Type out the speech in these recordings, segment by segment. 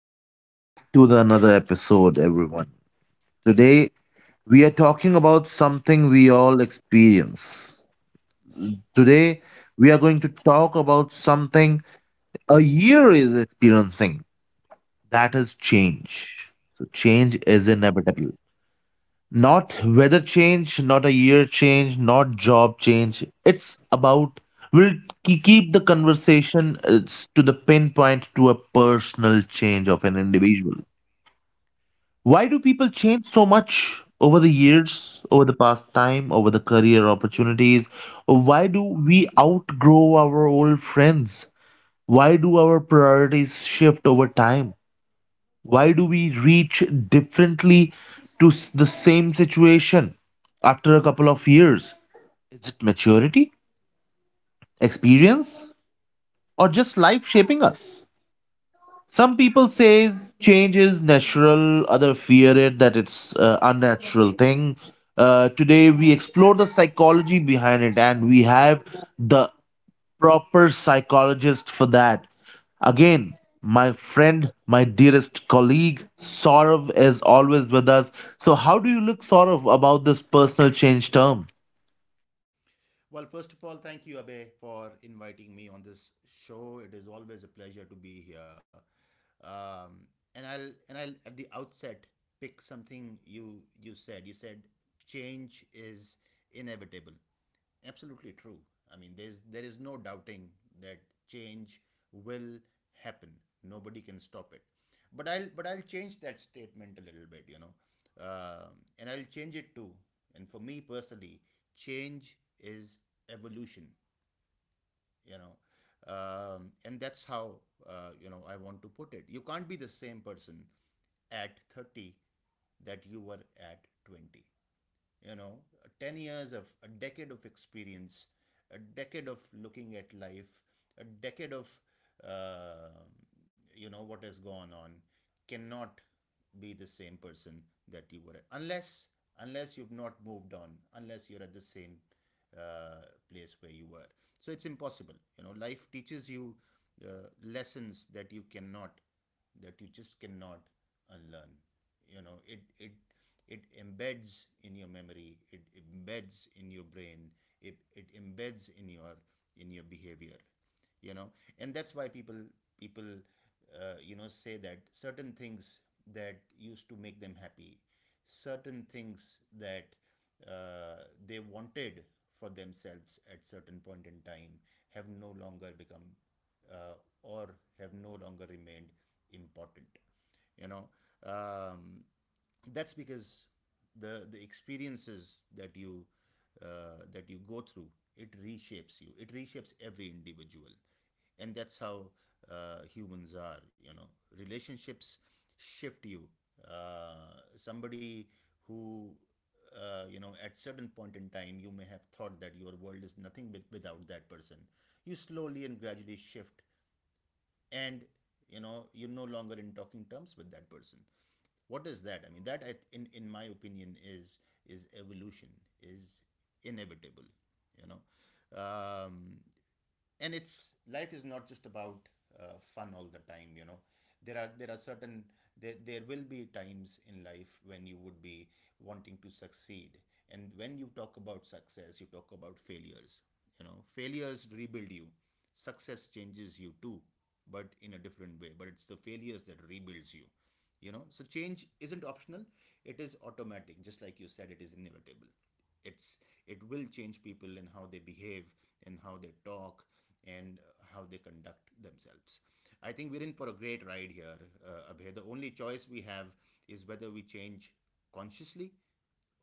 Welcome back to the another episode, everyone. Today, we are talking about something we all experience. Today, we are going to talk about something a year is experiencing, that is change. So, change is inevitable. Not weather change, not a year change, not job change. It's about we'll keep the conversation to the pinpoint, to a personal change of an individual. Why do people change so much over the years, over the past time, over the career opportunities? Why do we outgrow our old friends? Why do our priorities shift over time? Why do we reach differently to the same situation after a couple of years? Is it maturity, experience, or just life shaping us? Some people says change is natural, other fear it that it's unnatural thing. Today we explore the psychology behind it, and we have the proper psychologist for that. Again, my friend, my dearest colleague, Saurav is always with us. So, how do you look, Saurav, about this personal change term? Well, first of all, thank you, Abe, for inviting me on this show. It is always a pleasure to be here. Um, and I'll at the outset pick something you said. You said change is inevitable, absolutely true. I mean, there is no doubting that change will happen. Nobody can stop it. But I'll change that statement a little bit, you know. And I'll change it too. And for me personally, change is evolution, you know, and that's how you know I want to put it. You can't be the same person at 30 that you were at 20, you know, 10 years, of a decade of experience, a decade of looking at life, a decade of uh, you know what has gone on. Cannot be the same person that you were at, unless unless you've not moved on, unless you're at the same uh, place where you were. So it's impossible, you know. Life teaches you lessons that you cannot, that you just cannot unlearn. You know, it it embeds in your memory, it embeds in your brain, it embeds in your behavior, you know. And that's why people you know say that certain things that used to make them happy, certain things that they wanted for themselves at certain point in time have no longer become uh, or have no longer remained important, you know. um, that's because the experiences that you go through, it reshapes you, it reshapes every individual. And that's how humans are, you know. Relationships shift you. Uh, somebody who you know at certain point in time you may have thought that your world is nothing with, without that person, you slowly and gradually shift, and you know you're no longer in talking terms with that person. Is that, I mean that I in my opinion is evolution, is inevitable, you know. um, and it's, life is not just about fun all the time, you know. There are certain, there will be times in life when you would be wanting to succeed. And when you talk about success, you talk about failures. You know, failures rebuild you, success changes you too, but in a different way. But it's the failures that rebuilds you, you know. So change isn't optional, it is automatic. Just like you said, it is inevitable. It's, it will change people in how they behave and how they talk and how they conduct themselves. I think we're in for a great ride here, Abhay. The only choice we have is whether we change consciously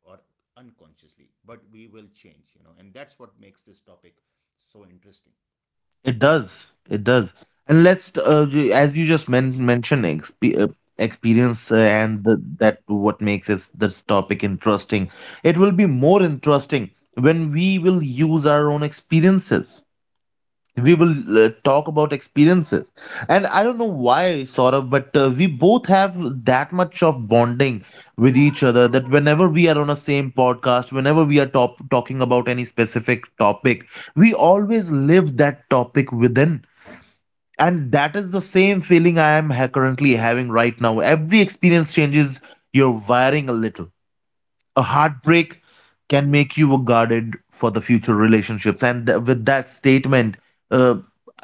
or unconsciously, but we will change, you know. And that's what makes this topic so interesting. It does. It does. And as you just mentioned, experience and that what makes this, this topic interesting. It will be more interesting when we will use our own experiences. We will talk about experiences. And I don't know why, sort of, but we both have that much of bonding with each other that whenever we are on a same podcast, whenever we are talking about any specific topic, we always live that topic within. And that is the same feeling I am currently having right now. Every experience changes your wiring a little. A heartbreak can make you guarded for the future relationships. And with that statement, uh,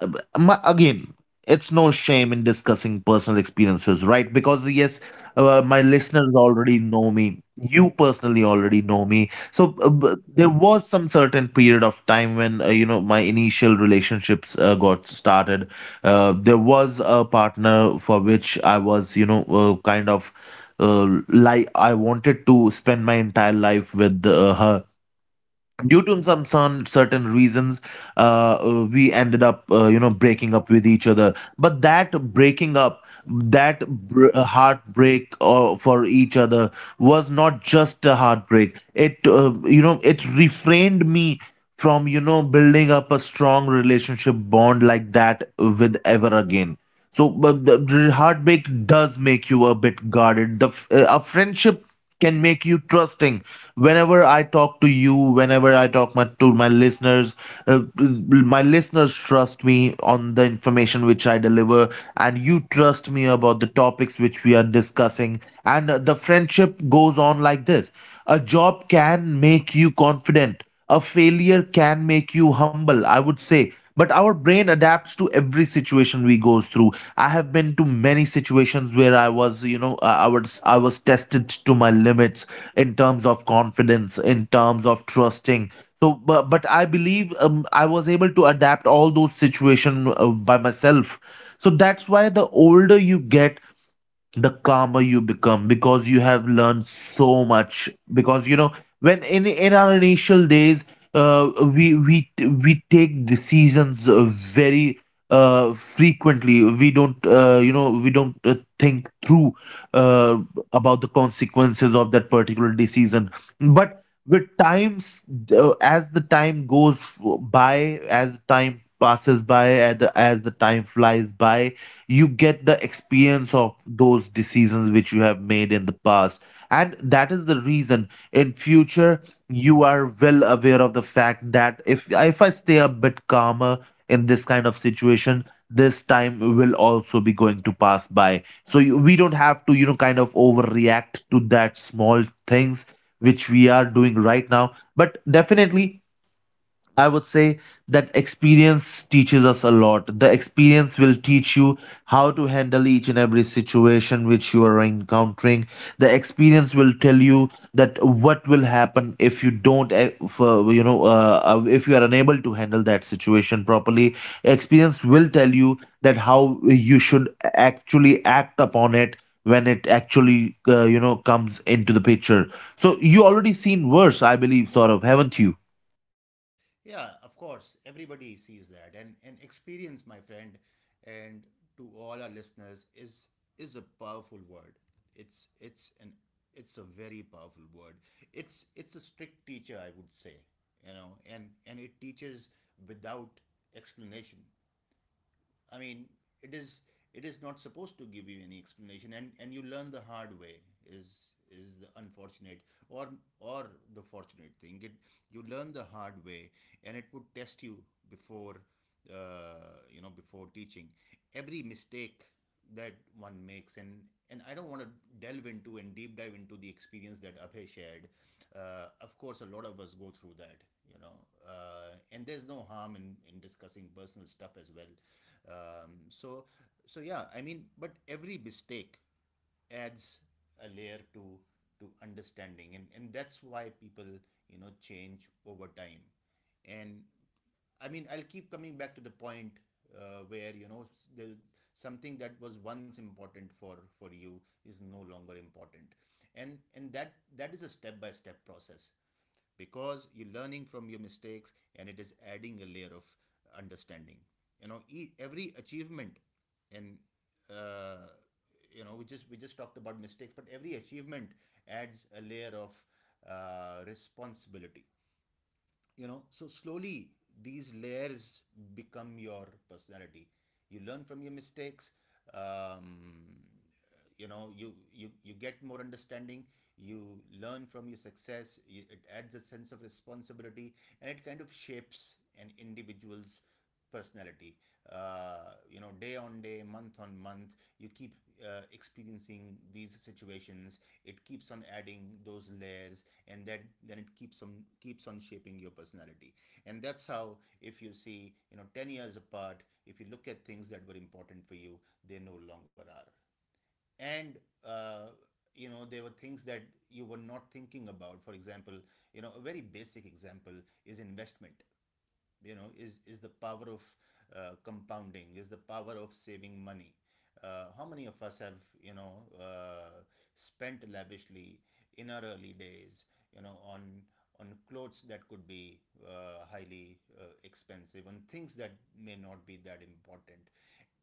again, it's no shame in discussing personal experiences, right? Because yes, my Yeah, listeners already know me, you personally already know me. So there was some certain period of time when, you know, my initial relationships got started. There was a partner for which I was, you know, kind of like I wanted to spend my entire life with, her. Due to some certain reasons, we ended up you know, breaking up with each other. But that breaking up, that heartbreak for each other was not just a heartbreak, it, you know, it refrained me from, you know, building up a strong relationship bond like that with ever again. So, but the heartbreak does make you a bit guarded. The a friendship can make you trusting. Whenever I talk to you, whenever I talk to my listeners, my listeners trust me on the information which I deliver, and you trust me about the topics which we are discussing, and the friendship goes on like this. A job can make you confident. A failure can make you humble, I would say. But our brain adapts to every situation we goes through. I have been to many situations where I was, you know, I was tested to my limits in terms of confidence, in terms of trusting. So but I believe, I was able to adapt all those situation by myself. So that's why the older you get, the calmer you become, because you have learned so much, because you know, when in our initial days, uh, we we we take decisions very frequently, we don't, you know, we don't think through uh, about the consequences of that particular decision. But with times, as the time goes by, as the time passes by, as the time flies by, you get the experience of those decisions which you have made in the past. And that is the reason in future you are well aware of the fact that if I stay a bit calmer in this kind of situation, this time will also be going to pass by. So we don't have to, you know, kind of overreact to that small things which we are doing right now. But definitely, I would say that experience teaches us a lot. The experience will teach you how to handle each and every situation which you are encountering. The experience will tell you that what will happen if you don't, eh, if, you know, if you are unable to handle that situation properly. Experience will tell you that how you should actually act upon it when it actually, you know, comes into the picture. So you already seen worse, I believe, sort of, haven't you? yeah, of course, everybody sees that. And experience, my friend, and to all our listeners, is a powerful word. It's it's an it's a very powerful word. It's a strict teacher, I would say, you know. And it teaches without explanation. I mean, it is, it is not supposed to give you any explanation, and you learn the hard way. Is the unfortunate or or the fortunate thing? It, you learn the hard way, and it would test you before you know before teaching every mistake that one makes. And I don't want to delve into and deep dive into the experience that Abhay shared. Of course a lot of us go through that, you know. And there's no harm in discussing personal stuff as well. So so yeah, I mean, but every mistake adds a layer to understanding. And that's why people, you know, change over time. And I mean, I'll keep coming back to the point where you know there, something that was once important for you is no longer important. And that that is a step by step process, because you're learning from your mistakes and it is adding a layer of understanding, you know. E- every achievement and uh, you know, we just talked about mistakes, but every achievement adds a layer of responsibility, you know. So slowly these layers become your personality. You learn from your mistakes, um, you know, you get more understanding. You learn from your success, you, it adds a sense of responsibility, and it kind of shapes an individual's personality. You know, day on day, month on month, you keep experiencing these situations. It keeps on adding those layers, and that, then it keeps on, keeps on shaping your personality. And that's how, if you see, you know, 10 years apart, if you look at things that were important for you, they no longer are. And uh, you know there were things that you were not thinking about, for example, you know, a very basic example is investment. You know, is the power of compounding, is the power of saving money. How many of us have, you know, spent lavishly in our early days, you know, on clothes that could be highly expensive, on things that may not be that important.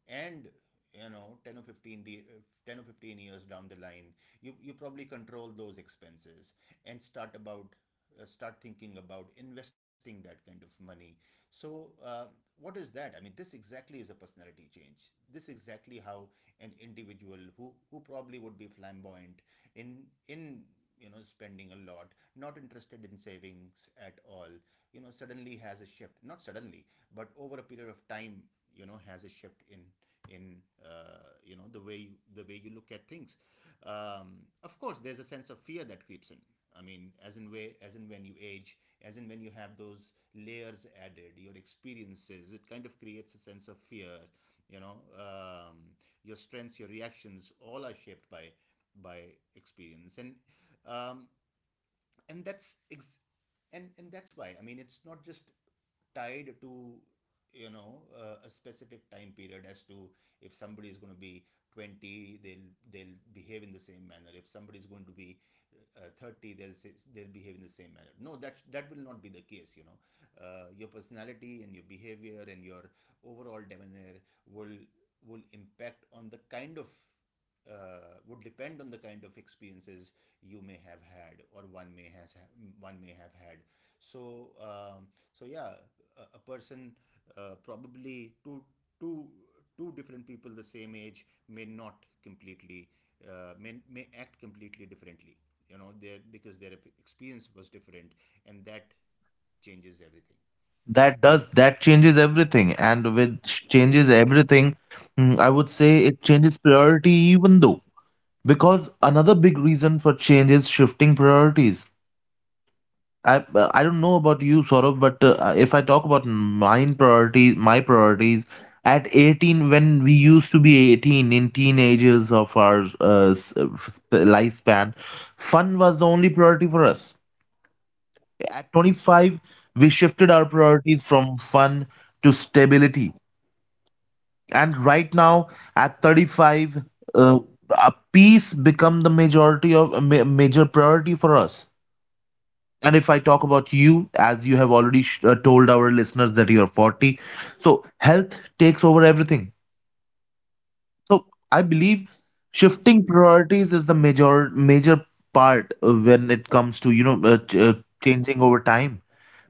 And you know 10 or 15 10 or 15 years down the line, you probably control those expenses and start about start thinking about investing that kind of money. So what is that, I mean this exactly is a personality change. This exactly how an individual who probably would be flamboyant in, you know, spending a lot, not interested in savings at all, you know, suddenly has a shift. Not suddenly, but over a period of time, you know, has a shift in you know the way you look at things. Of course there's a sense of fear that creeps in. I mean, as in way, as in when you age, as in when you have those layers added, your experiences, it kind of creates a sense of fear. You know, your strengths, your reactions, all are shaped by experience. And um, and that's ex- and that's why, I mean it's not just tied to, you know, a specific time period, as to if somebody is going to be 20, they'll behave in the same manner. If somebody is going to be 30, they'll behave in the same manner, no, that that will not be the case, you know. Your personality and your behavior and your overall demeanor will will impact on the kind of would depend on the kind of experiences you may have had, or one may has, one may have had. So so yeah, a person probably two two different people, the same age, may not completely may act completely differently, you know. Their, because their experience was different, and that changes everything. That does, that changes everything, and which changes everything. I would say it changes priority even though, because another big reason for change is shifting priorities. I don't know about you, Saurabh, but if I talk about mine priorities, my priorities at 18, when we used to be 18 in teenagers of our lifespan, fun was the only priority for us. At 25, we shifted our True, priorities from fun to stability. And right now at 35, uh, peace become the majority of a major priority for us. And if I talk about you, as you have already told our listeners that you are 40, so health takes over everything. So I believe true, shifting priorities is the major part when it comes to, you know, changing over time.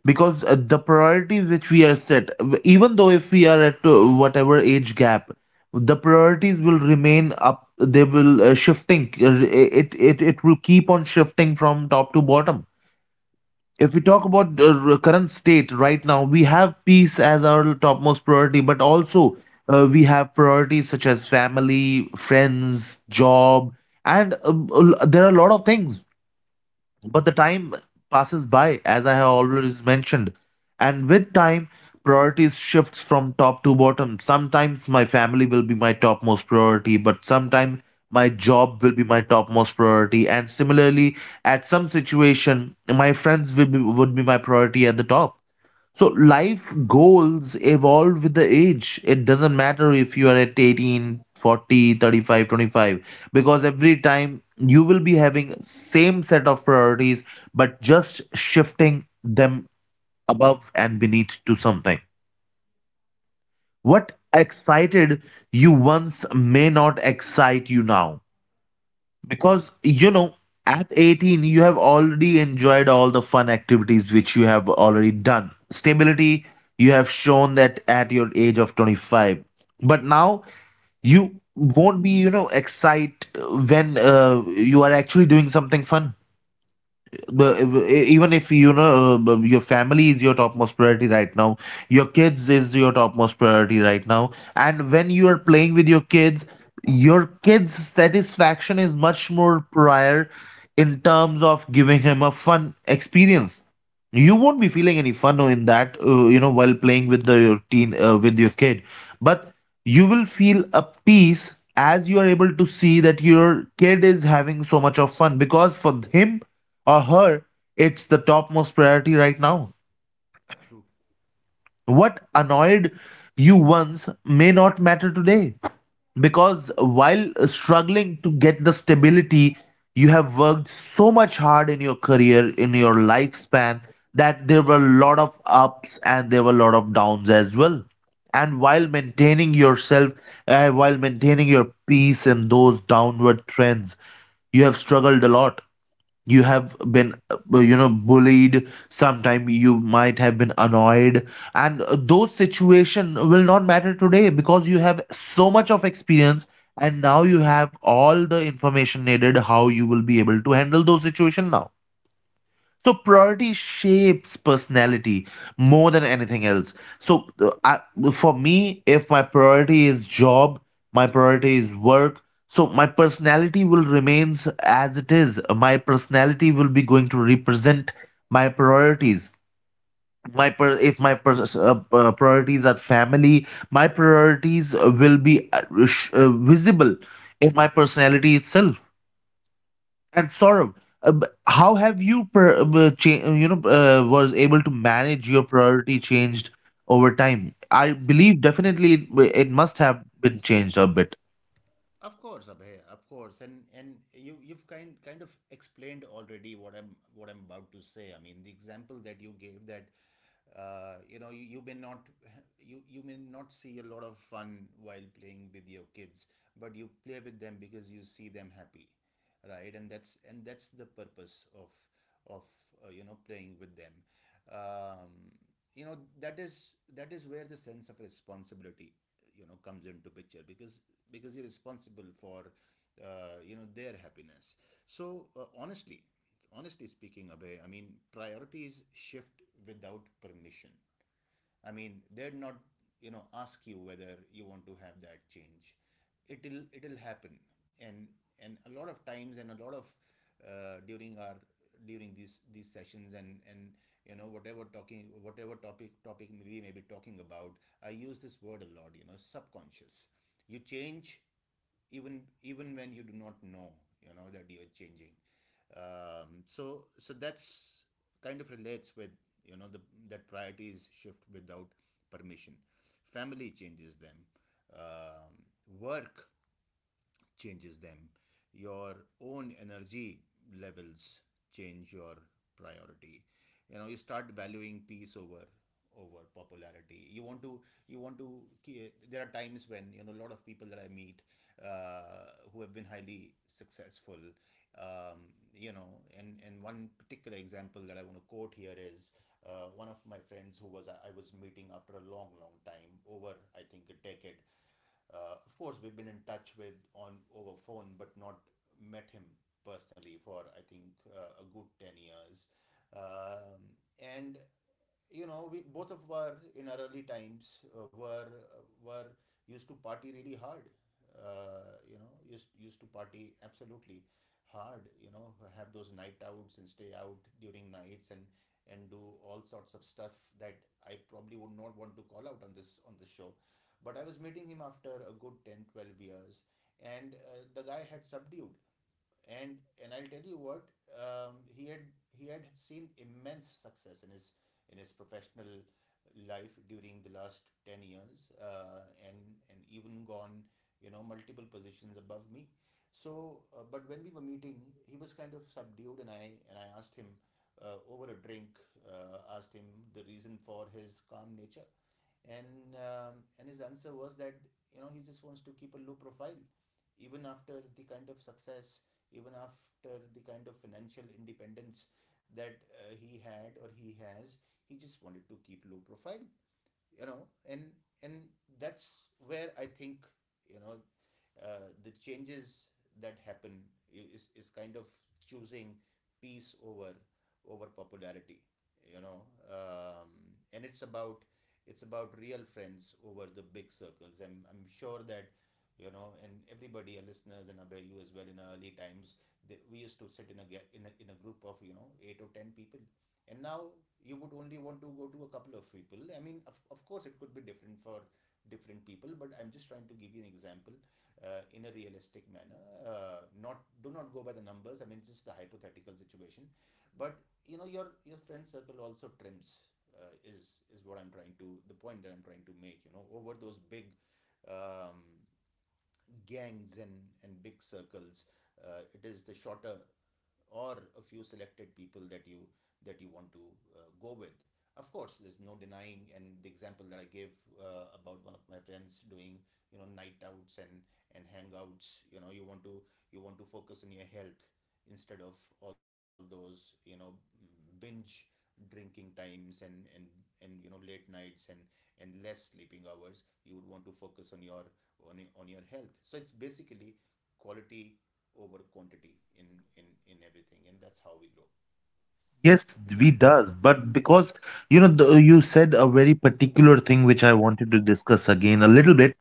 Because the priorities which we are set, even though if we are at whatever age gap, the priorities will remain up, they will shifting, it will keep on shifting from top to bottom. If we talk about the current state right now, we have peace as our topmost priority, but also we have priorities such as family, friends, job, and there are a lot of things. But the time passes by, as I have already mentioned, and with time, priorities shifts from top to bottom. Sometimes my family will be my topmost priority, but sometimes my job will be my topmost priority. And similarly, at some situation, my friends would be my priority at the top. So life goals evolve with the age. It doesn't matter if you are at 18, 40, 35, 25, because every time you will be having same set of priorities, but just shifting them above and beneath to something. What excited you once may not excite you now, because you know, at 18 you have already enjoyed all the fun activities which you have already done. Stability, you have shown that at your age of 25. But now you won't be, you know, excite when you are actually doing something fun. Even if, you know, your family is your topmost priority right now, your kids is your topmost priority right now, and when you are playing with your kids, your kids satisfaction is much more prior in terms of giving him a fun experience. You won't be feeling any fun in that, you know, while playing with the your teen with your kid. But you will feel a peace as you are able to see that your kid is having so much of fun, because for him or her, it's the topmost priority right now. true. What annoyed you once may not matter today, because while struggling to get the stability, you have worked so much hard in your career, in your lifespan, that there were a lot of ups and there were a lot of downs as well. And while maintaining yourself, while maintaining your peace in those downward trends, you have struggled a lot, you have been, you know, bullied sometime, you might have been annoyed. And those situation will not matter today, because you have so much of experience, and now you have all the information needed how you will be able to handle those situation now. So priority shapes personality more than anything else. So for me, if my priority is job, my priority is work, so my personality will remains as it is. My personality will be going to represent my priorities. If my per priorities are family, my priorities will be visible in my personality itself. And Saurabh, how have you, you know, was able to manage your priority changed over time? I believe definitely it must have been changed a bit. Of course, Abhay, of course. And you, you've kind of explained already what I'm about to say. I mean, the example that you gave that, you know, you, you may not see a lot of fun while playing with your kids, but you play with them because you see them happy, right? And that's, and that's the purpose of you know playing with them. Um, you know, that is, that is where the sense of responsibility, you know, comes into picture, because you're responsible for you know their happiness. So honestly speaking, Abhay, I mean priorities shift without permission. I mean, they're not, you know, ask you whether you want to have that change. It'll happen, and and a lot of times, and a lot of during our during these sessions, and, you know, whatever talking, whatever topic we may be talking about, I use this word a lot, you know, subconscious. You change even, even when you do not know, you know, that you're changing. So so that's kind of relates with, you know, the, that priorities shift without permission. Family changes them, um, work changes them. Your own energy levels change your priority. You know, you start valuing peace over over popularity. You want to, you want to. There are times when, you know, a lot of people that I meet who have been highly successful. You know, and one particular example that I want to quote here is one of my friends who was, I was meeting after a long long time, over I think a decade. Of course, we've been in touch with on over phone, but not met him personally for I think a good 10 years. And you know we both of were in our early times were used to party really hard, you know, used to party absolutely hard, you know, have those night outs and stay out during nights, and do all sorts of stuff that I probably would not want to call out on this show. But I was meeting him after a good 10-12 years, and the guy had subdued. And and I'll tell you what. He had, he had seen immense success in his professional life during the last 10 years, and even gone, you know, multiple positions above me. So but when we were meeting, he was kind of subdued, and I asked him, over a drink, asked him the reason for his calm nature. And his answer was that you know he just wants to keep a low profile, even after the kind of success, even after the kind of financial independence that he had or he has, he just wanted to keep low profile, you know. And that's where I think, you know, the changes that happen is kind of choosing peace over over popularity, you know. um, and it's about, it's about real friends over the big circles. And I'm sure that you know, and everybody, our listeners, and Abhay, you as well, in early times, we used to sit in a, in a in a group of, you know, 8 or 10 people. And now you would only want to go to a couple of people. I mean, of course, it could be different for different people, but I'm just trying to give you an example, in a realistic manner. Not, do not go by the numbers, I mean, just the hypothetical situation. But you know, your friend circle also trims, is what I'm trying to, the point that I'm trying to make, you know, over those big um, gangs and big circles. It is the shorter or a few selected people that you want to go with. Of course, there's no denying, and the example that I gave, about one of my friends doing, you know, night outs and hangouts, you know, you want to, you want to focus on your health instead of all those, you know, binge drinking times, and you know late nights, and less sleeping hours. You would want to focus on your, on your health. So it's basically quality over quantity in in everything, and that's how we grow. Yes, we does, but because you know the, you said a very particular thing which I wanted to discuss again a little bit.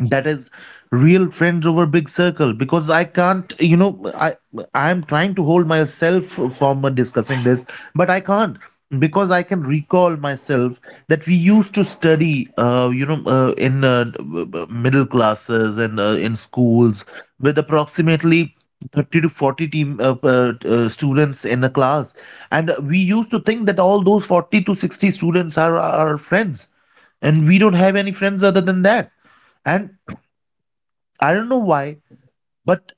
That is real friends over big circle, because I can't you know I I'm trying to hold myself from discussing this, but I can't, because I can recall myself that we used to study in middle classes and in schools with approximately 30 to 40 team students in a class, and we used to think that all those 40 to 60 students are our friends, and we don't have any friends other than that. And I don't know why, but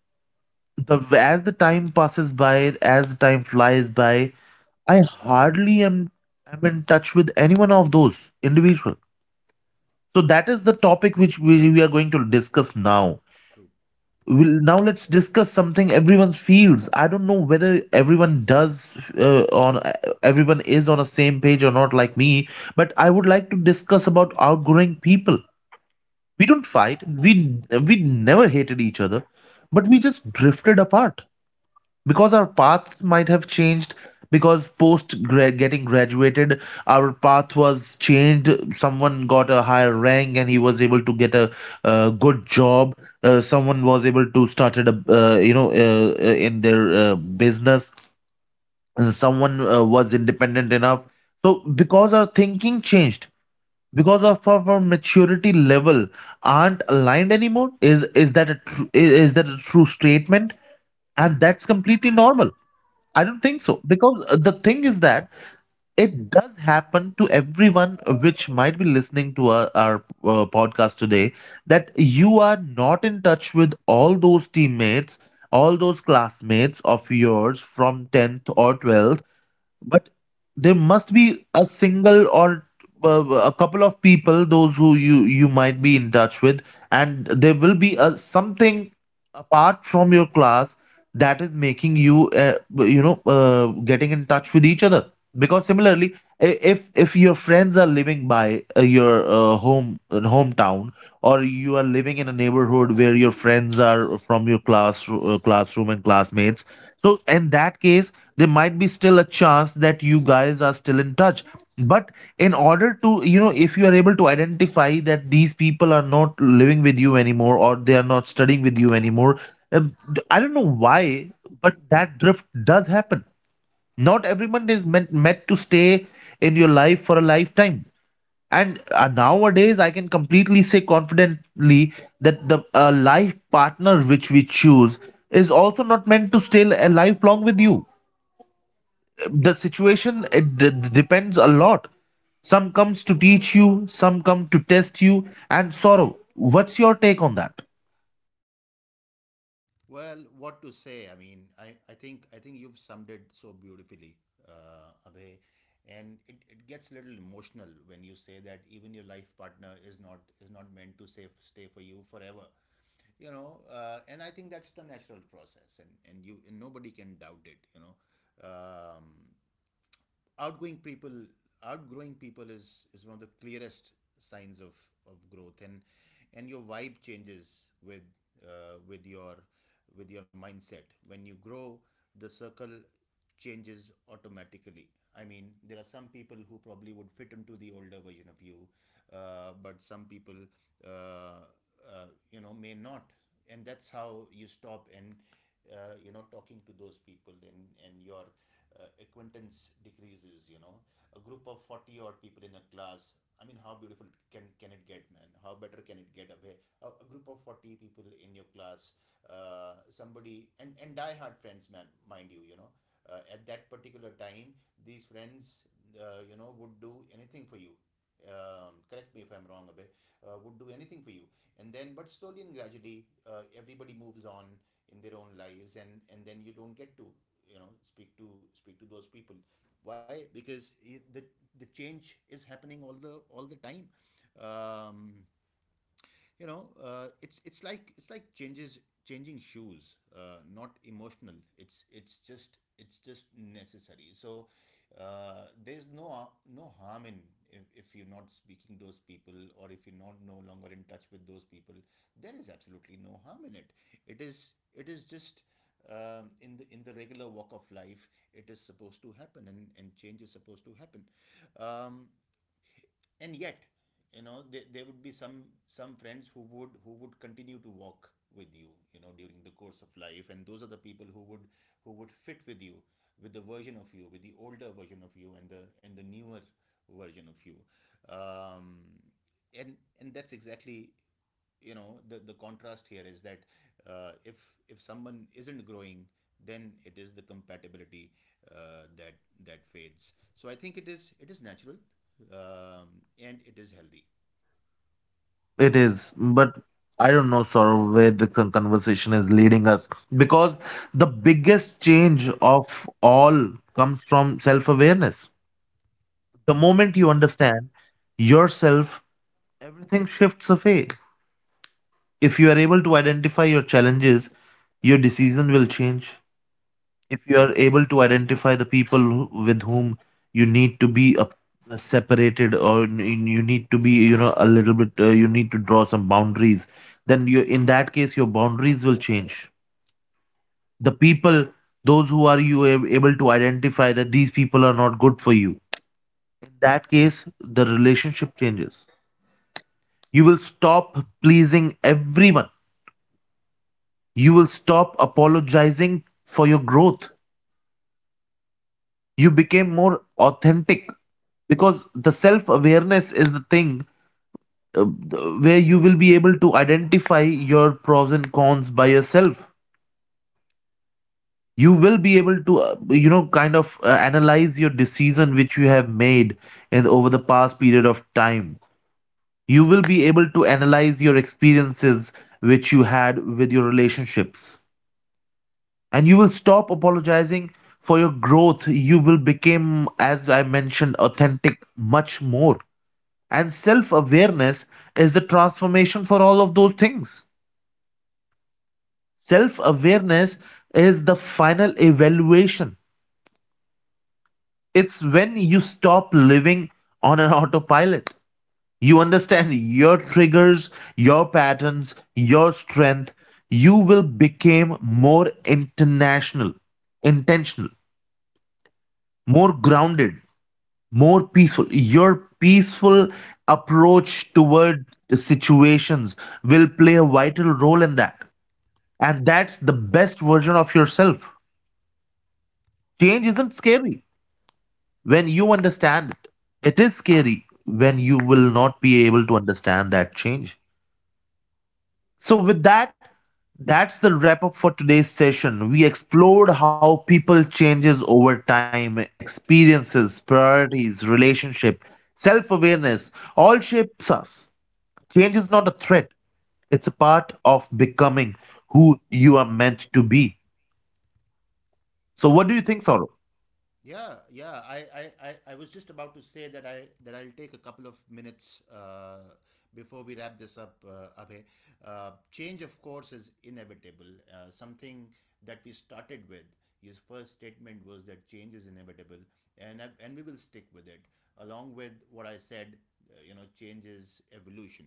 the as the time passes by, as the time flies by, I hardly am in touch with anyone of those individual. So that is the topic which we are going to discuss now. True. Now let's discuss something everyone feels. I don't know whether everyone does, on everyone is on a same page or not like me, but I would like to discuss about outgrowing people. We don't fight. We never hated each other, but we just drifted apart because our path might have changed, because getting graduated our path was changed. Someone got a higher rank and he was able to get a good job. Someone was able to started a you know in their business. Someone was independent enough, so because our thinking changed, because of our maturity level aren't aligned anymore. Is that a true statement? And that's completely normal. I don't think Yeah. so, because the thing is that it does happen to everyone which might be listening to our podcast today, that you are not in touch with all those teammates, all those classmates of yours from 10th or 12th. But there must be a single or a couple of people, those who you might be in touch with, and there will be a something apart from your class that is making you, you know getting in touch with each other. Because similarly, if your friends are living by your home hometown, or you are living in a neighborhood where your friends are from your classroom and classmates, so in that case, there might be still a chance that you guys are still in touch. But in order to, you know, if you are able to identify that these people are not living with you anymore or they are not studying with you anymore, I don't know why, but that drift does happen. Not everyone is meant to stay in your life for a lifetime. And nowadays I can completely say confidently that the life partner which we choose is also not meant to stay a lifelong with you. The situation, it depends a lot. Some comes to teach you, some come to test you. And Sorrow, what's your take on that? Well, what to say? I mean, I think I think you've summed it so beautifully, Abhay. And it gets a little emotional when you say that even your life partner is not, is not meant to stay for you forever, you know. And I think that's the natural process, and you, and nobody can doubt it, you know. Um, Outgoing people, outgrowing people is one of the clearest signs of growth. And your vibe changes uh, with your with your mindset. When you grow, the circle changes automatically. I mean, there are some people who probably would fit into the older version of you, but some people uh, you know may not, and that's how you stop and you know talking to those people, and your acquaintance decreases, you know. A group of 40 odd people in a class, I mean, how beautiful can it get, man, how better can it get away, a group of 40 people in your class. Somebody, and die hard friends, man, mind you, you know, at that particular time, these friends, you know, would do anything for you. Correct me if I'm wrong, a would do anything for you. And then, but slowly and gradually, everybody moves on in their own lives, and then you don't get to, you know, speak to speak to those people. Why? Because the the change is happening all the time. Um, you know, it's it's like changes changing shoes, not emotional, it's it's just necessary. So there's no no harm in, if you're not speaking those people, or if you're not no longer in touch with those people, there is absolutely no harm in it. It is it is just in the regular walk of life, it is supposed to happen, and change is supposed to happen. um, and yet you know, there would be some friends who would, who would continue to walk with you, you know, during the course of life, and those are the people who would, who would fit with you, with the version of you, with the older version of you, and the newer version of you. um, and that's exactly, you know, the contrast here is that if someone isn't growing, then it is the compatibility that that fades. So I think it is, it is natural, and it is healthy. It is, but I don't know, Sorrow, where the conversation is leading us, because the biggest change of all comes from self-awareness. The moment you Yeah. understand yourself, everything shifts away. If you are able to identify your challenges, your decision will change. If you are able to identify the people with whom you need to be separated, or you need to be, you know, a little bit, you need to draw some boundaries, then you, in that case, your boundaries will change. The people, those who are you able to identify that these people are not good for you, in that case, the relationship changes. You will stop pleasing everyone. You will stop apologizing for your growth. You became more authentic, because the self awareness is the thing where you will be able to identify your pros and cons by yourself. You will be able to, you know, kind of analyze your decision which you have made in over the past period of time. You will be able to analyze your experiences which you had with your relationships, and you will stop apologizing for your growth. You will become, as I mentioned, authentic, much more. And self awareness is the transformation for all of those things. Self awareness is the final evaluation. It's when you stop living on an autopilot. You understand your triggers, your patterns, your strength. You will become more international intentional, more grounded, more peaceful. Your peaceful approach toward the situations will play a vital role in that, and that's the best version of yourself. Change isn't scary when you understand it. It is scary when you will not be able to understand that change. So with that, that's the wrap up for today's session. We explored how people changes over time. Experiences, priorities, relationship, self-awareness, all shapes us. Change is Yeah. not a threat, it's a part of becoming who you are meant to be. So, what do you think, Saurabh? Yeah, yeah. I was just about to say that I'll take a couple of minutes, before we wrap this up, Abhay. Change, of course, is inevitable. Something that we started with. His first statement was that change is inevitable, and I, and we will stick with it. Along with what I said, you know, change is evolution.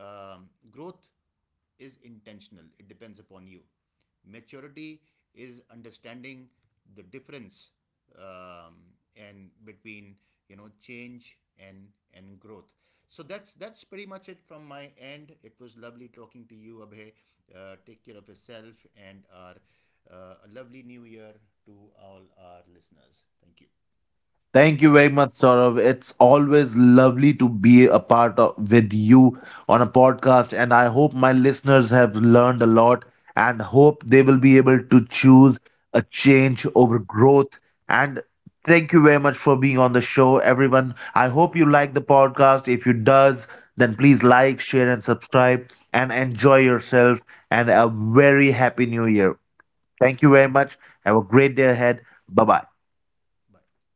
Growth is intentional, it depends upon you. Maturity is understanding the difference, and between, you know, change and growth. So that's pretty much it from my end. It was lovely talking to you, Abhay. Take care of yourself, and our a lovely new year to all our listeners. Thank you. Thank you very much, Saurav. It's always lovely to be a part of with you on a podcast, and I hope my listeners have learned a lot and hope they will be able to choose a change over growth. And thank you very much for being on the show, everyone. I hope you like the podcast. If you does, then please like, share, and subscribe, and enjoy yourself. And a very happy new year. Thank you very much. Have a great day ahead. Bye bye. Bye.